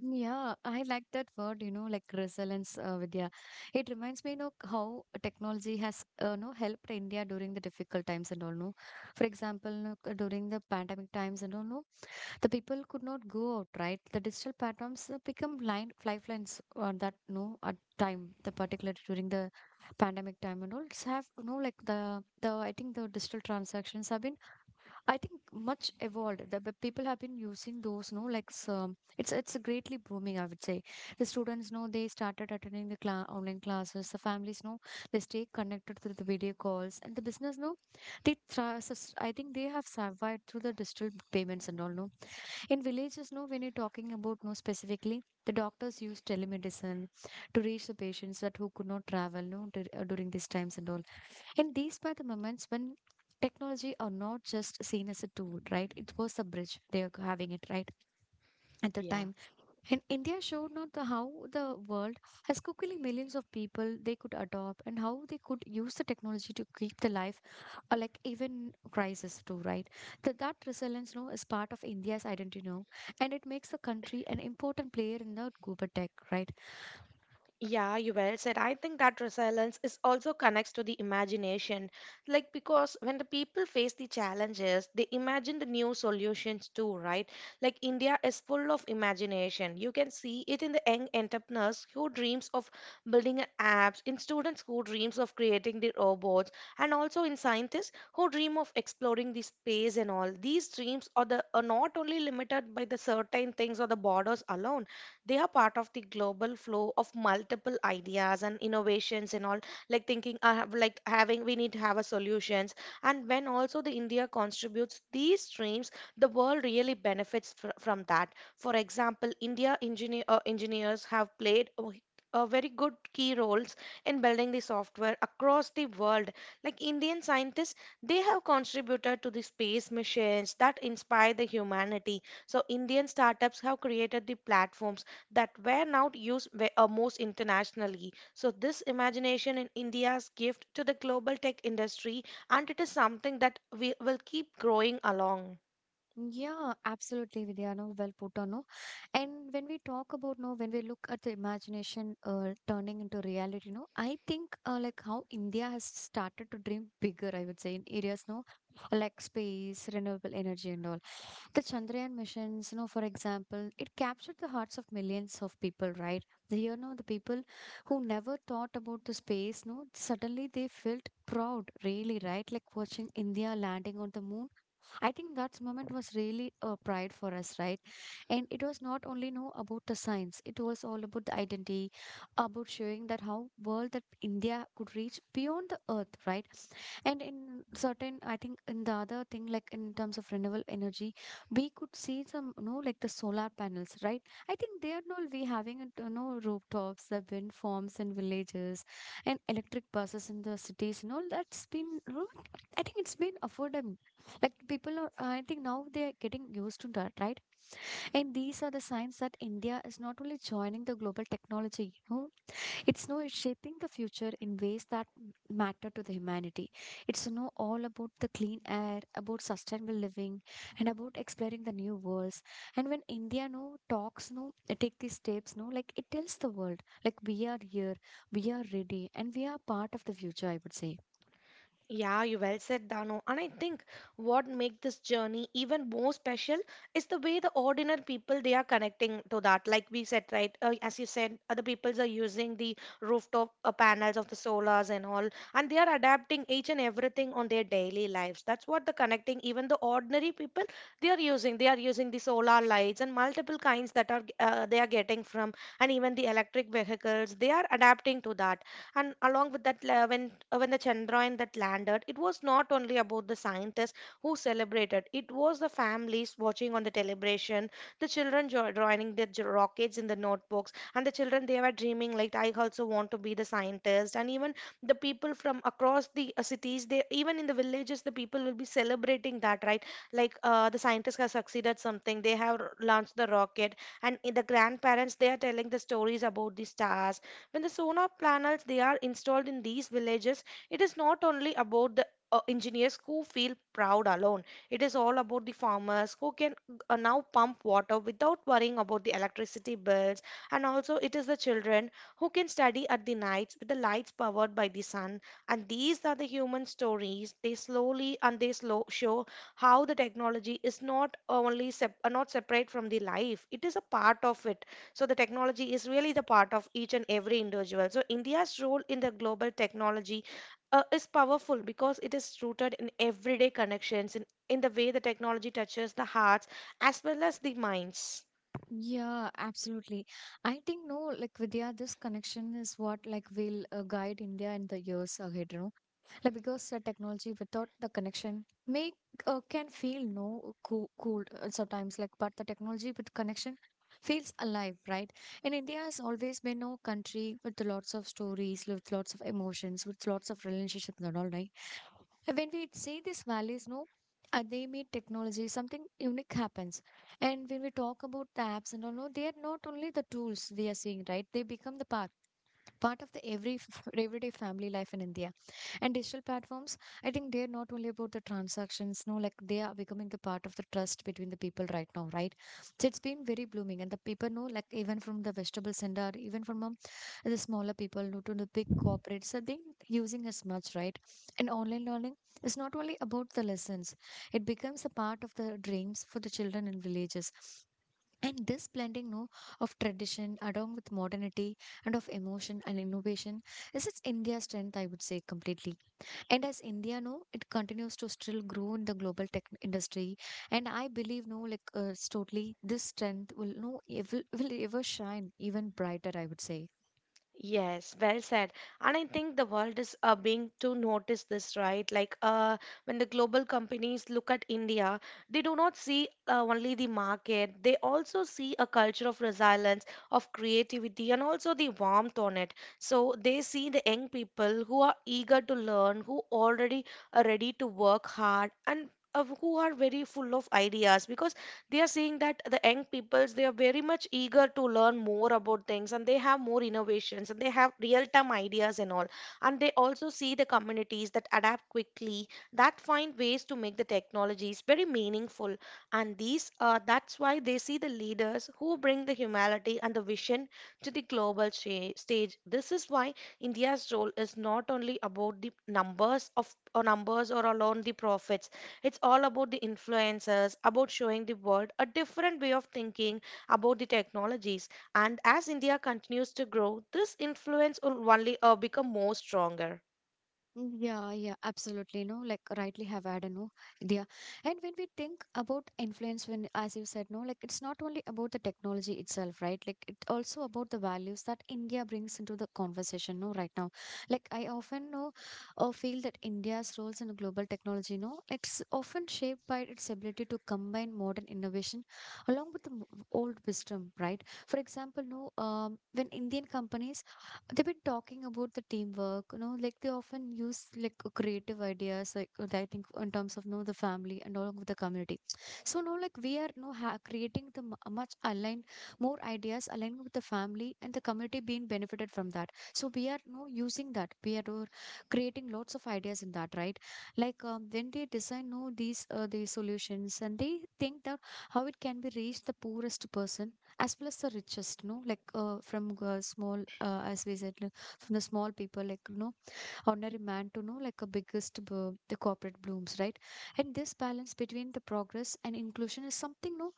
S1: Yeah, I like that word, you know, like resilience, Vidya. It reminds me, you know, how technology has, you know, helped India during the difficult times and all, no. For example, you know, during the pandemic times and all, no, the people could not go out, right? The digital platforms become line lifelines on that, no, at time, the particular during the pandemic time and all. It's have, you know, like the I think the digital transactions have been I think much evolved. The people have been using those, no, it's greatly booming. I would say the students know they started attending the online classes. The families know they stay connected through the video calls, and the business know they try. I think they have survived through the digital payments and all. No, in villages, no, when you're talking about no specifically, the doctors use telemedicine to reach the patients that who could not travel, no, during these times and all. And these were the moments when technology are not just seen as a tool, right? It was a bridge they are having it, right? At the
S2: Yeah.
S1: time. And India showed not the how the world has quickly millions of people they could adopt and how they could use the technology to keep the life or like even crisis too, right? That resilience you is part of India's identity now, and it makes the country an important player in the global tech, right?
S2: Yeah, you well said. I think that resilience is also connects to the imagination. Like, because when the people face the challenges, they imagine the new solutions too, right? Like, India is full of imagination. You can see it in the young entrepreneurs who dreams of building a apps, in students who dreams of creating the robots, and also in scientists who dream of exploring the space and all. These dreams are not only limited by the certain things or the borders alone. They are part of the global flow of multiple ideas and innovations and all. Like, thinking I have, like having, we need to have a solutions. And when also the india contributes these streams, the world really benefits from that. For example, india engineers have played a very good key roles in building the software across the world. Like, indian scientists, they have contributed to the space missions that inspire the humanity. So indian startups have created the platforms that were now used most internationally. So, this imagination in India's gift to the global tech industry, and it is something that we will keep growing along.
S1: Yeah, absolutely, Vidya. No, well put on. No, and when we talk about no, when we look at the imagination turning into reality, no, I think like how India has started to dream bigger. I would say in areas no, like space, renewable energy, and all. The Chandrayaan missions, you know, for example, it captured the hearts of millions of people. Right, you know, the people who never thought about the space, no, suddenly they felt proud. Really, right, like watching India landing on the moon. I think that moment was really a pride for us, right? And it was not only know about the science; it was all about the identity, about showing that how world that India could reach beyond the earth, right? And in certain, I think in the other thing, like in terms of renewable energy, we could see some, you know, like the solar panels, right? I think they are not we having, it, you know, rooftops, the wind farms in villages, and electric buses in the cities, you know, that's been, you know, I think it's been affordable. Like people are, I think now they are getting used to that, right? And these are the signs that India is not only joining the global technology, you know, it's no it's shaping the future in ways that matter to the humanity. It's no all about the clean air, about sustainable living, and about exploring the new worlds. And when India no talks take these steps no like it tells the world like we are here, we are ready, and we are part of the future. I would say.
S2: Yeah, you well said, Dano. And I think what make this journey even more special is the way the ordinary people they are connecting to that. Like we said, right? As you said, other peoples are using the rooftop panels of the solars and all, and they are adapting each and everything on their daily lives. That's what the connecting. Even the ordinary people they are using. They are using the solar lights and multiple kinds that are they are getting from, and even the electric vehicles. They are adapting to that and along with when the chandrayaan that landed, it was not only about the scientists who celebrated. It was the families watching on the celebration, the children joining their rockets in the notebooks, and the children they were dreaming like I also want to be the scientist. And even the people from across the cities, they even in the villages the people will be celebrating that, right? Like the scientists have succeeded something, they have launched the rocket, and the grandparents they are telling the stories about the stars. When the sonar panels they are installed in these villages, it is not only about the engineers who feel proud alone. It is all about the farmers who can now pump water without worrying about the electricity bills, and also it is the children who can study at the nights with the lights powered by the sun. And these are the human stories. They slowly and they slow show how the technology is not only not separate from the life, it is a part of it. So the technology is really the part of each and every individual. So India's role in the global technology is powerful because it is rooted in everyday connections, in the way the technology touches the hearts as well as the minds.
S1: Yeah, absolutely. I think no, like Vidya, this connection is what like will guide India in the years ahead. You know? Like because the technology without the connection make can feel no cool sometimes. Like but the technology with connection feels alive, right? And India has always been a country with lots of stories, with lots of emotions, with lots of relationships and all, right? And when we say these values, no. They meet technology, something unique happens. And when we talk about the apps and all, no, they are not only the tools we are seeing, right? They become the part of the everyday family life in India. And digital platforms, I think they're not only about the transactions, no, like they are becoming the part of the trust between the people right now, right? So it's been very blooming, and the people know, like even from the vegetable center, even from the smaller people no, to the big corporates, so they using as much, right? And online learning is not only about the lessons; it becomes a part of the dreams for the children in villages. And this blending no, of tradition along with modernity and of emotion and innovation is its India's strength, I would say, completely. And as India no, it continues to still grow in the global tech industry. And I believe no, like it's totally this strength will no it will ever shine even brighter, I would say.
S2: Yes, well said. And I think the world is being to notice this, right? Like when the global companies look at India, they do not see only the market, they also see a culture of resilience, of creativity, and also the warmth on it. So they see the young people who are eager to learn, who already are ready to work hard, and who are very full of ideas, because they are seeing that the young peoples they are very much eager to learn more about things, and they have more innovations and they have real time ideas and all. And they also see the communities that adapt quickly, that find ways to make the technologies very meaningful. And these are, that's why they see the leaders who bring the humanity and the vision to the global stage. This is why India's role is not only about the numbers of or numbers or alone the profits. It's all about the influencers, about showing the world a different way of thinking about the technologies. And as India continues to grow, this influence will only become more stronger.
S1: Mm. Yeah, yeah, absolutely. No, like rightly have added, no, yeah. And when we think about influence, when as you said, no, like it's not only about the technology itself, right? Like it also about the values that India brings into the conversation, no, right now. Like I often know or feel that India's roles in global technology, no, it's often shaped by its ability to combine modern innovation along with old wisdom, right? For example, no, when Indian companies they've been talking about the teamwork, you know, like they often use creative ideas, I think in terms of you know the family and all of the community. So now, like we are you know, creating the much aligned, more ideas aligned with the family and the community being benefited from that. So we are you know, using that. We are creating lots of ideas in that, right? Like when they design you know, these solutions and they think that how it can be reached the poorest person as well as the richest no from small as we said like, from the small people like you know ordinary man to know like a biggest the corporate blooms, right? And this balance between the progress and inclusion is something no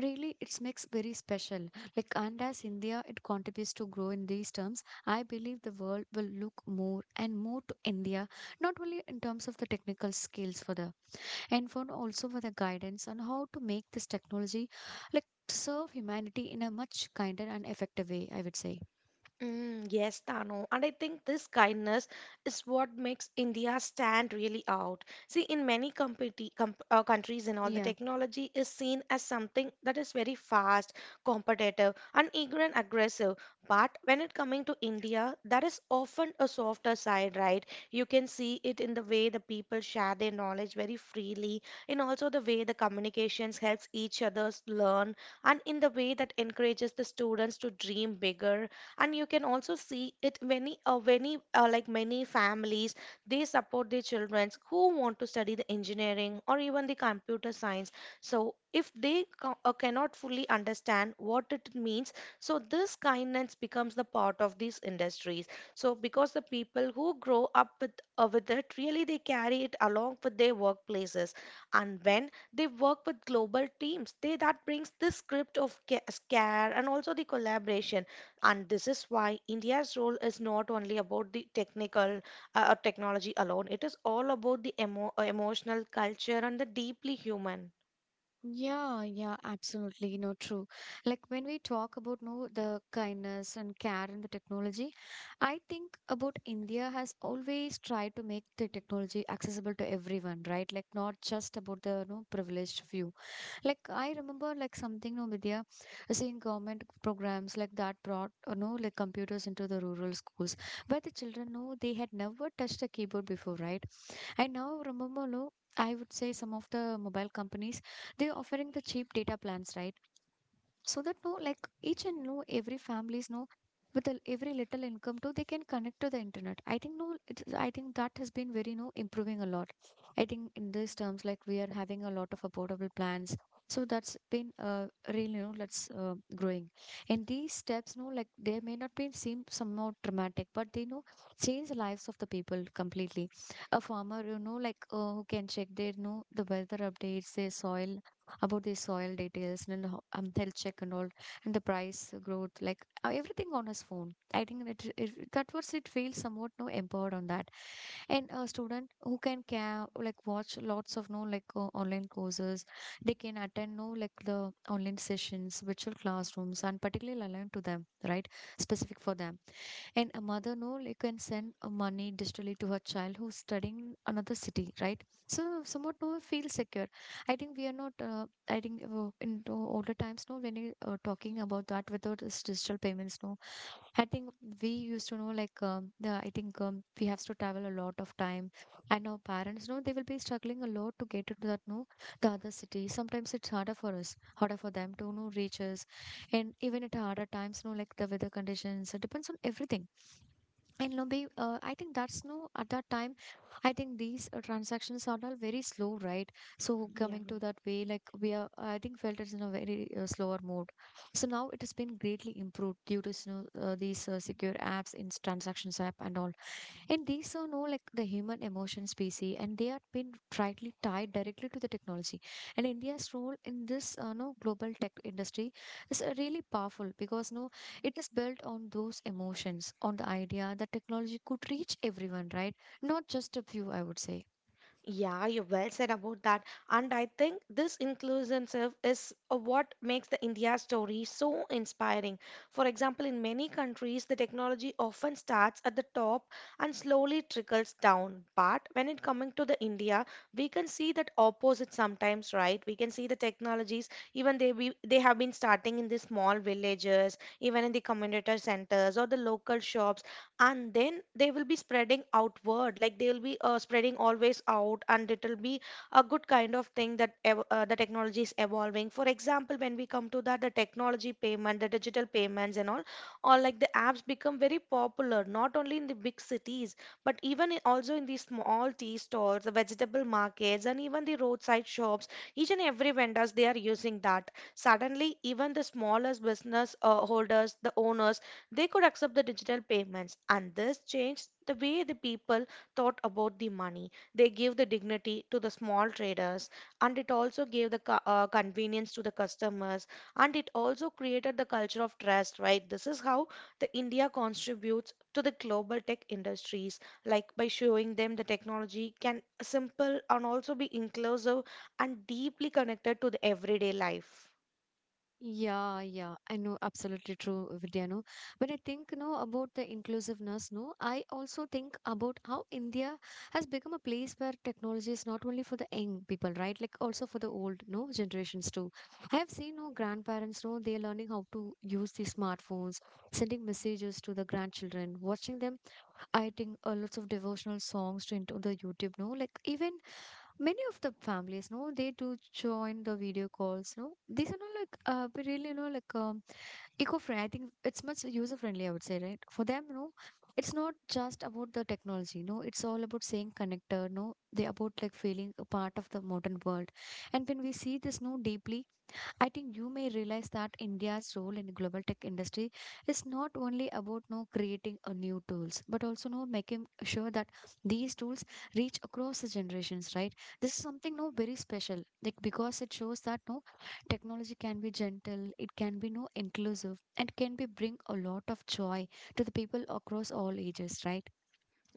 S1: really it makes very special, like. And as India it contributes to grow in these terms, I believe the world will look more and more to India, not only in terms of the technical skills for the and for also for the guidance on how to make this technology like serve humanity in a much kinder and effective way, I would say.
S2: Mm, yes, Tanu. And I think this kindness is what makes India stand really out. See, in many competi com countries and all, the
S1: Yeah.
S2: technology is seen as something that is very fast, competitive, and eager and aggressive. But when it coming to India, that is often a softer side, right? You can see it in the way the people share their knowledge very freely, in also the way the communications helps each others learn, and in the way that encourages the students to dream bigger. And you can also see it many like many families they support their children who want to study the engineering or even the computer science. So if they cannot fully understand what it means, so this kindness becomes the part of these industries. So because the people who grow up with with it really, they carry it along with their workplaces. And when they work with global teams, they that brings this script of care and also the collaboration. And this is why India's role is not only about the technical or technology alone, it is all about the emotional culture and the deeply human.
S1: Yeah, yeah, absolutely, you know, true. Like when we talk about no the kindness and care in the technology, I think about India has always tried to make the technology accessible to everyone, right? Like not just about the no privileged few. Like I remember like something no Vidya seeing government programs like that brought you know like computers into the rural schools where the children know they had never touched a keyboard before, right? And now Romomolo, I would say some of the mobile companies, they're offering the cheap data plans, right? So that no like each and no every families know with the, every little income too they can connect to the internet. I think no it's, I think that has been very no improving a lot. I think in these terms like we are having a lot of affordable plans, so that's been really you know let's growing. And these steps no like they may not be seem somewhat dramatic but they know change the lives of the people completely. A farmer you know who can check their know the weather updates their soil, about the soil details and health check and all, and the price growth like everything on his phone. I think that was it feels somewhat no empowered on that. And a student who can care like watch lots of no online courses, they can attend no like the online sessions, virtual classrooms, and particularly aligned to them, right? Specific for them. And a mother no like can send money digitally to her child who's studying in another city, right? So somewhat no feel secure. I think we are not I think in the older times no when you talking about that without this digital payments no, I think we used to know like the I think we have to travel a lot of time, and our parents know they will be struggling a lot to get into that no the other city. Sometimes it's harder for us, harder for them to know reach us, and even at harder times no like the weather conditions it depends on everything. And no be I think that's no at that time, I think these transactions are all very slow, right? So coming
S2: Yeah.
S1: to that way like we are I think felt it's in a very slower mode. So now it has been greatly improved due to you know, these secure apps in transactions app and all. And these are no like the human emotion species, and they are been tightly tied directly to the technology. And India's role in this no global tech industry is really powerful because no, it is built on those emotions, on the idea that technology could reach everyone, right? Not just a few, I would say.
S2: Yeah, you well said about that. And I think this inclusive is what makes the India story so inspiring. For example, in many countries, the technology often starts at the top and slowly trickles down. But when it coming to the India, we can see that opposite sometimes, right? We can see the technologies, even they have been starting in the small villages, even in the community centers or the local shops, and then they will be spreading outward. Like they will be spreading always out, and it will be a good kind of thing that the technology is evolving. For example, when we come to that, the technology payment, the digital payments and all, or like the apps become very popular, not only in the big cities but also in the small tea stores, the vegetable markets, and even the roadside shops. Each and every vendors they are using that. Suddenly even the smallest business holders, the owners, they could accept the digital payments, and this changed the way the people thought about the money. They gave the dignity to the small traders, and it also gave the convenience to the customers, and it also created the culture of trust, right? This is how the India contributes to the global tech industries, like by showing them the technology can simple and also be inclusive and deeply connected to the everyday life.
S1: Yeah, yeah, I know absolutely true, Vidya. No, when I think no about the inclusiveness, no, I also think about how India has become a place where technology is not only for the young people, right? Like also for the old, no generations too. I have seen no grandparents, no, they are learning how to use these smartphones, sending messages to the grandchildren, watching them. I think lots of devotional songs to into the YouTube, no, like even many of the families no they do join the video calls no these are not like we really you know eco-friendly. I think it's much user friendly, I would say, right? For them no, it's not just about the technology no, it's all about saying connected no, they about like feeling a part of the modern world. And when we see this no deeply, I think you may realize that India's role in the global tech industry is not only about no creating a new tools, but also no making sure that these tools reach across the generations, right? This is something no very special, like because it shows that no technology can be gentle, it can be no inclusive, and can be bring a lot of joy to the people across all ages, right?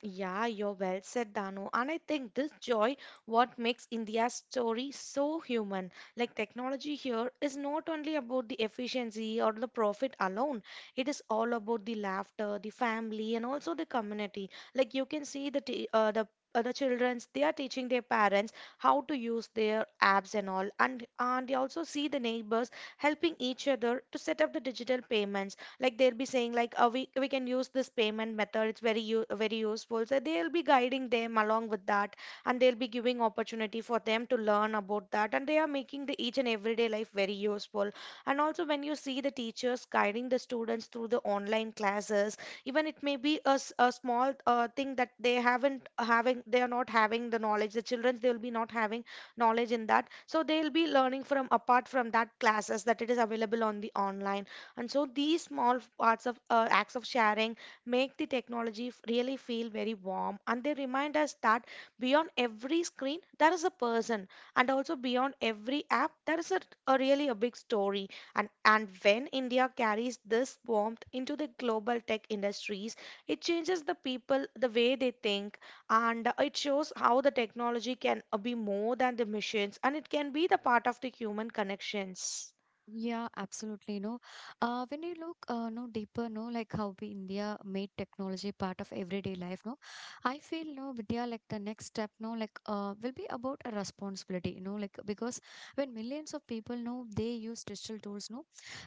S2: Yeah, you're well said, Dano. And I think this joy what makes India's story so human. Like technology here is not only about the efficiency or the profit alone. It is all about the laughter, the family, and also the community. Like you can see the childrens they are teaching their parents how to use their apps and all. And they also see the neighbors helping each other to set up the digital payments. Like they'll be saying like, oh, we can use this payment method, it's very useful. So they'll be guiding them along with that, and they'll be giving opportunity for them to learn about that, and they are making the each and everyday life very useful. And also when you see the teachers guiding the students through the online classes, even it may be a small thing that they haven't having, they are not having the knowledge, the children they will be not having knowledge in that. So they'll be learning from, apart from that classes that it is available on the online. And so these small parts of acts of sharing make the technology really feel very warm, and they remind us that beyond every screen there is a person, and also beyond every app there is a really a big story. And when India carries this warmth into the global tech industries, it changes the people the way they think, and it shows how the technology can be more than the machines, and it can be the part of the human connections.
S1: Yeah, absolutely. No, when you look, no deeper, no, like how we India made technology part of everyday life. No, I feel no Vidya like the next step. No, will be about a responsibility. You know, like because when millions of people know they use digital tools. No,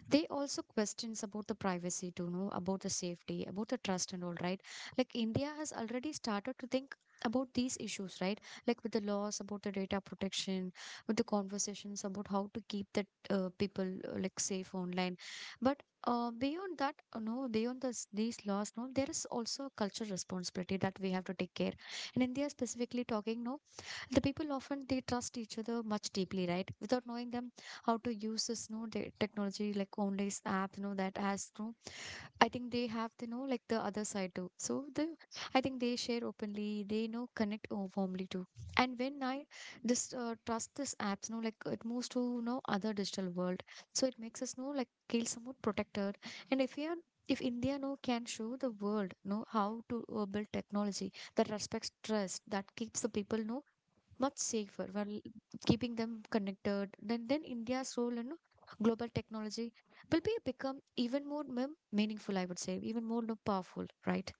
S1: they also questions about the privacy to know about the safety about the trust and all, right? Like India has already started to think about these issues, right? Like with the laws about the data protection, with the conversations about how to keep the people like safe online. But beyond this, these laws no there is also a cultural responsibility that we have to take care in India, specifically talking no the people often they trust each other much deeply, right? Without knowing them how to use this no the technology like only's app you know that has no, I think they have to know like the other side too. So the I think they share openly, they know warmly too. And when I this trust this apps you know like it moves to you know other digital world, so it makes us know like feel somewhat protected. And if we are If India no can show the world know how to build technology that respects trust, that keeps the people know much safer while keeping them connected. Then India's role in global technology will be become even more meaningful, I would say, even more no, powerful, right?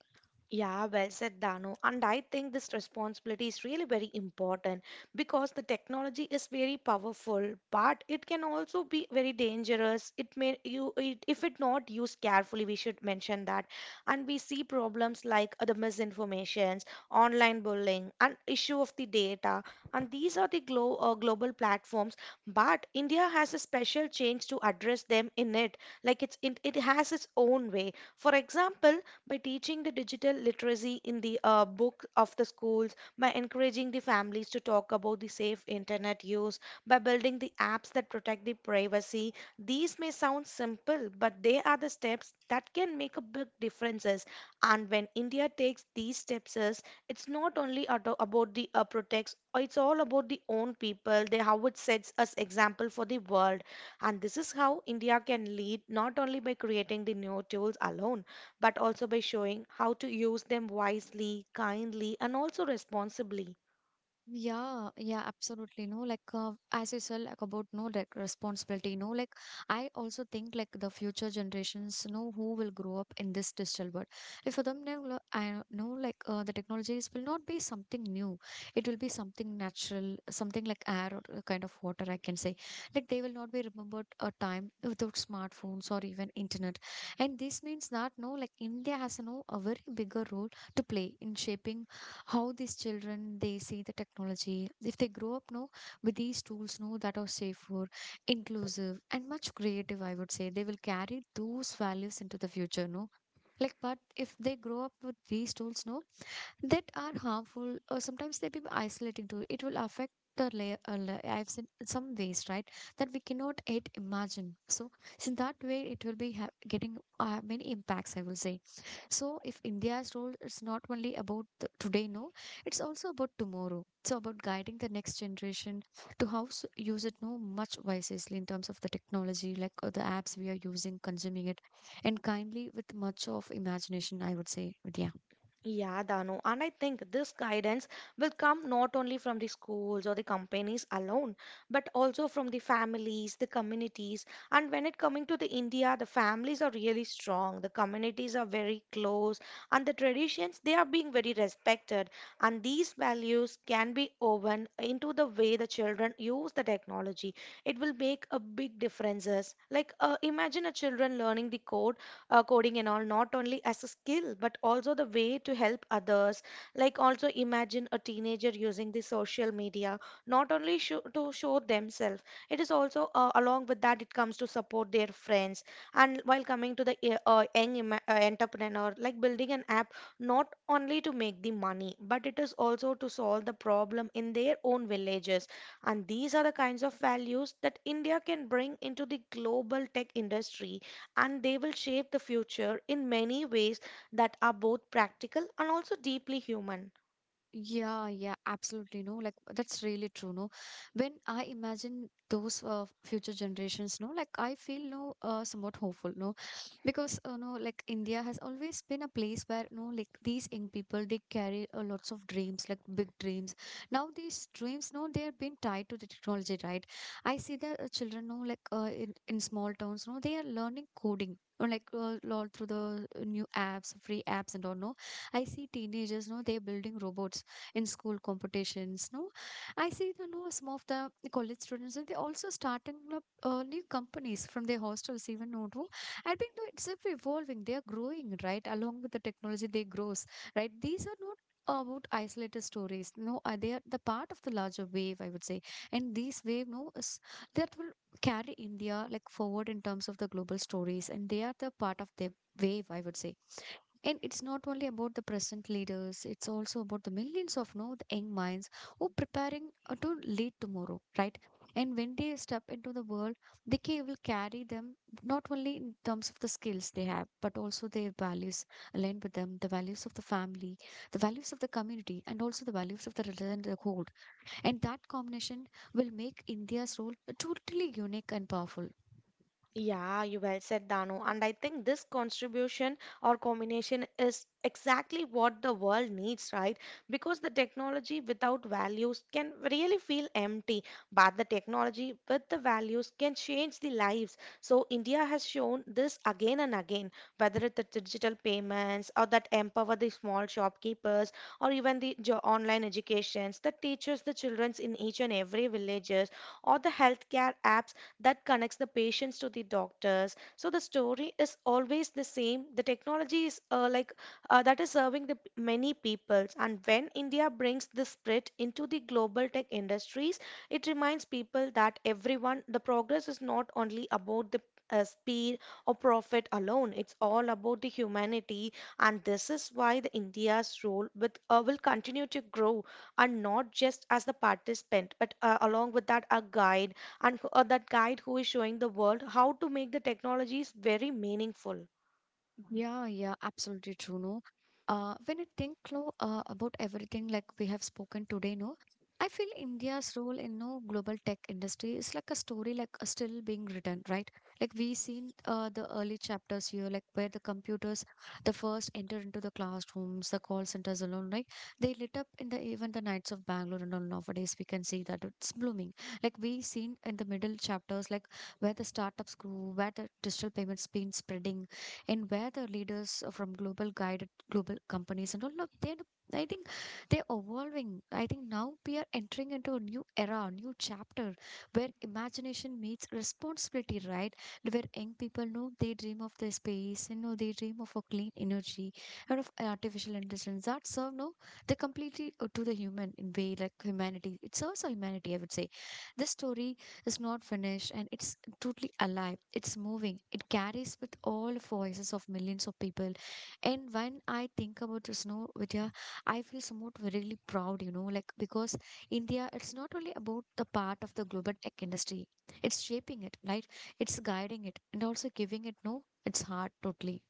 S2: Yeah, well said, Dano. And I think this responsibility is really very important, because the technology is very powerful, but it can also be very dangerous. It may you it, if it not used carefully, we should mention that. And we see problems like the misinformations, online bullying, and issue of the data. And these are the global platforms, but India has a special change to address them in it. Like it's it, it has its own way. For example, by teaching the digital literacy in the book of the schools, by encouraging the families to talk about the safe internet use, by building the apps that protect the privacy. These may sound simple, but they are the steps that can make a big differences. And when India takes these steps, is it's not only about the protects, it's all about the own people, they how it sets us example for the world. And this is how India can lead not only by creating the new tools alone, but also by showing how to use them wisely, kindly, and also responsibly.
S1: Yeah, yeah, absolutely. No, as you said, like about no like responsibility. No, like I also think like the future generations know who will grow up in this digital world. If for them now, I know the technologies will not be something new. It will be something natural, something like air or a kind of water. I can say like they will not be remembered a time without smartphones or even internet. And this means that no, like India has no a very bigger role to play in shaping how these children they see the technology. If they grow up no with these tools no that are safer, inclusive, and much creative, I would say they will carry those values into the future no. Like but if they grow up with these tools no that are harmful or sometimes they be isolating to, it will affect the layer lives in some ways, right? That we cannot yet imagine. So in that way it will be getting many impacts, I will say. So, if India's role is not only about the today, no, it's also about tomorrow. So, about guiding the next generation to how s use it, no, much wisely in terms of the technology, like the apps we are using, consuming it, and kindly with much of imagination, I would say, Vidya.
S2: Yeah, Danu. And I think this guidance will come not only from the schools or the companies alone, but also from the families, the communities. And when it coming to the India, the families are really strong, the communities are very close, and the traditions they are being very respected. And these values can be woven into the way the children use the technology. It will make a big differences. Like imagine a children learning the code coding and all, not only as a skill but also the way to help others. Like also imagine a teenager using the social media, not only show, to show themselves, it is also along with that, it comes to support their friends. And while coming to the entrepreneur, like building an app not only to make the money, but it is also to solve the problem in their own villages. And these are the kinds of values that India can bring into the global tech industry, and they will shape the future in many ways that are both practical and also deeply human.
S1: Yeah, yeah, absolutely. No, like that's really true. No, when I imagine those future generations, no, like I feel no somewhat hopeful. No, because no, like India has always been a place where no, like these young people they carry lots of dreams, like big dreams. Now these dreams, no, they are being tied to the technology, right? I see the children, no, like in small towns, no, they are learning coding. Or like all through the new apps, free apps, and all. No, I see teenagers. No, they're building robots in school competitions, no, I see, you know, some of the college students and they also starting up new companies from their hostels even, no, no. I think no, it's ever evolving, they are growing right along with the technology they grows, right? These are not about isolated stories, no, they are the part of the larger wave, I would say. And these wave no is, that will carry india like forward in terms of the global stories and they are the part of the wave, I would say. And it's not only about the present leaders, it's also about the millions of no, the young minds who preparing to lead tomorrow, right? And when they step into the world, they will carry them not only in terms of the skills they have, but also their values aligned with them, the values of the family, the values of the community, and also the values of the religion they hold. And that combination will make India's role totally unique and powerful.
S2: Yeah, you well said, Dano. And I think this contribution or combination is exactly what the world needs, right? Because the technology without values can really feel empty, but the technology with the values can change the lives. So India has shown this again and again, whether it's the digital payments or that empower the small shopkeepers, or even the online educations that teaches the children in each and every villages, or the healthcare apps that connects the patients to the doctors. So the story is always the same. The technology is that is serving the many peoples. And when India brings this spirit into the global tech industries, it reminds people that everyone, the progress is not only about the speed or profit alone. It's all about the humanity, and this is why the India's role with will continue to grow, and not just as the participant, but along with that, a guide and or that guide who is showing the world how to make the technologies very meaningful.
S1: Yeah, yeah, absolutely true. No, when I think Lo, about everything like we have spoken today, no, I feel India's role in no global tech industry is like a story like still being written, right? Like we seen the early chapters here, like where the computers, the first enter into the classrooms, the call centers alone, right? They lit up in the even the nights of Bangalore and all. Nowadays, we can see that it's blooming. Like we seen in the middle chapters, like where the startups grew, where the digital payments been spreading and where the leaders from global guided global companies and all of they I think they're evolving. I think now we are entering into a new era, a new chapter where imagination meets responsibility, right? Where young people know they dream of the space, you know, they dream of a clean energy and of artificial intelligence that serve no they completely to the human in way like humanity. It serves our humanity, I would say. This story is not finished and it's totally alive. It's moving. It carries with all the voices of millions of people. And when I think about the snow, Vidya, I feel somewhat really proud, you know, like because India, it's not only about the part of the global tech industry. It's shaping it, right? It's guiding it and also giving it no, its heart totally.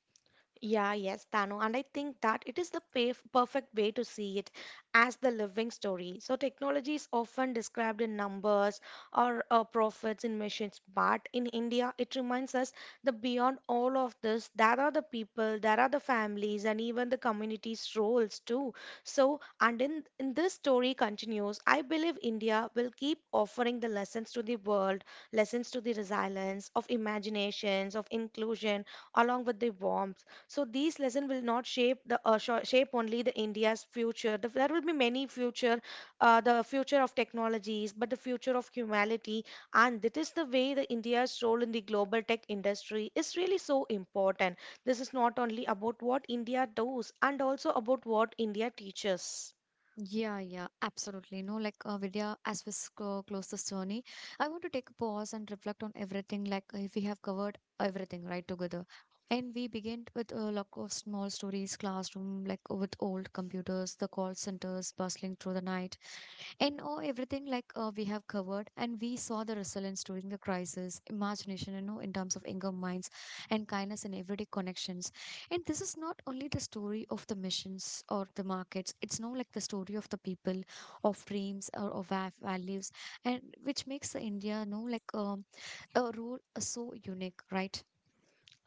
S2: Yeah, yes, Dano. And I think that it is the perfect way to see it as the living story. So, technology is often described in numbers or profits in machines, but in India, it reminds us that beyond all of this, there are the people, there are the families, and even the community's roles too. So, and in this story continues, I believe India will keep offering the lessons to the world, lessons to the resilience of imaginations, of inclusion, along with the warmth. So these lesson will not shape the shape only the India's future. There will be many future, the future of technologies, but the future of humanity, and that is the way the India's role in the global tech industry is really so important. This is not only about what India does, and also about what India teaches.
S1: Yeah, yeah, absolutely. No, like Vidya, as we close this journey, I want to take a pause and reflect on everything. Like if we have covered everything right together, and we begin with a lot of small stories, classroom, like with old computers, the call centers bustling through the night, and oh, everything like we have covered, and we saw the resilience during the crisis, imagination, you know, in terms of anger minds, and kindness in everyday connections. And this is not only the story of the missions or the markets; it's no like the story of the people, of dreams or of values, and which makes the India, you know, like a role so unique, right?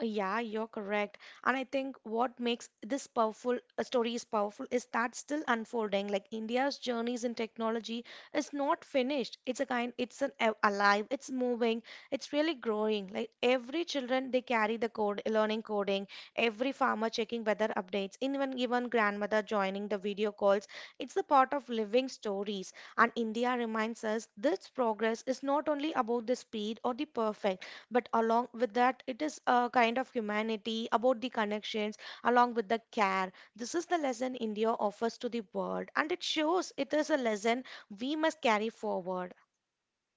S2: Yeah, you're correct. And I think what makes this powerful story is powerful is that still unfolding. Like India's journeys in technology is not finished. It's a kind, it's an alive, it's moving, it's really growing. Like every children, they carry the code, learning coding. Every farmer checking weather updates. Even grandmother joining the video calls. It's the part of living stories. And India reminds us this progress is not only about the speed or the perfect, but along with that, it is a kind of humanity, about the connections, along with the care. This is the lesson India offers to the world, and it shows it is a lesson we must carry forward.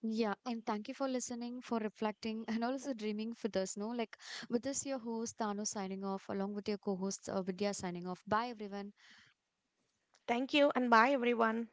S1: Yeah, and thank you for listening, for reflecting, and also dreaming with us. No, like with this, your host Tanu signing off, along with your co host Vidya signing off. Bye, everyone.
S2: Thank you and bye everyone.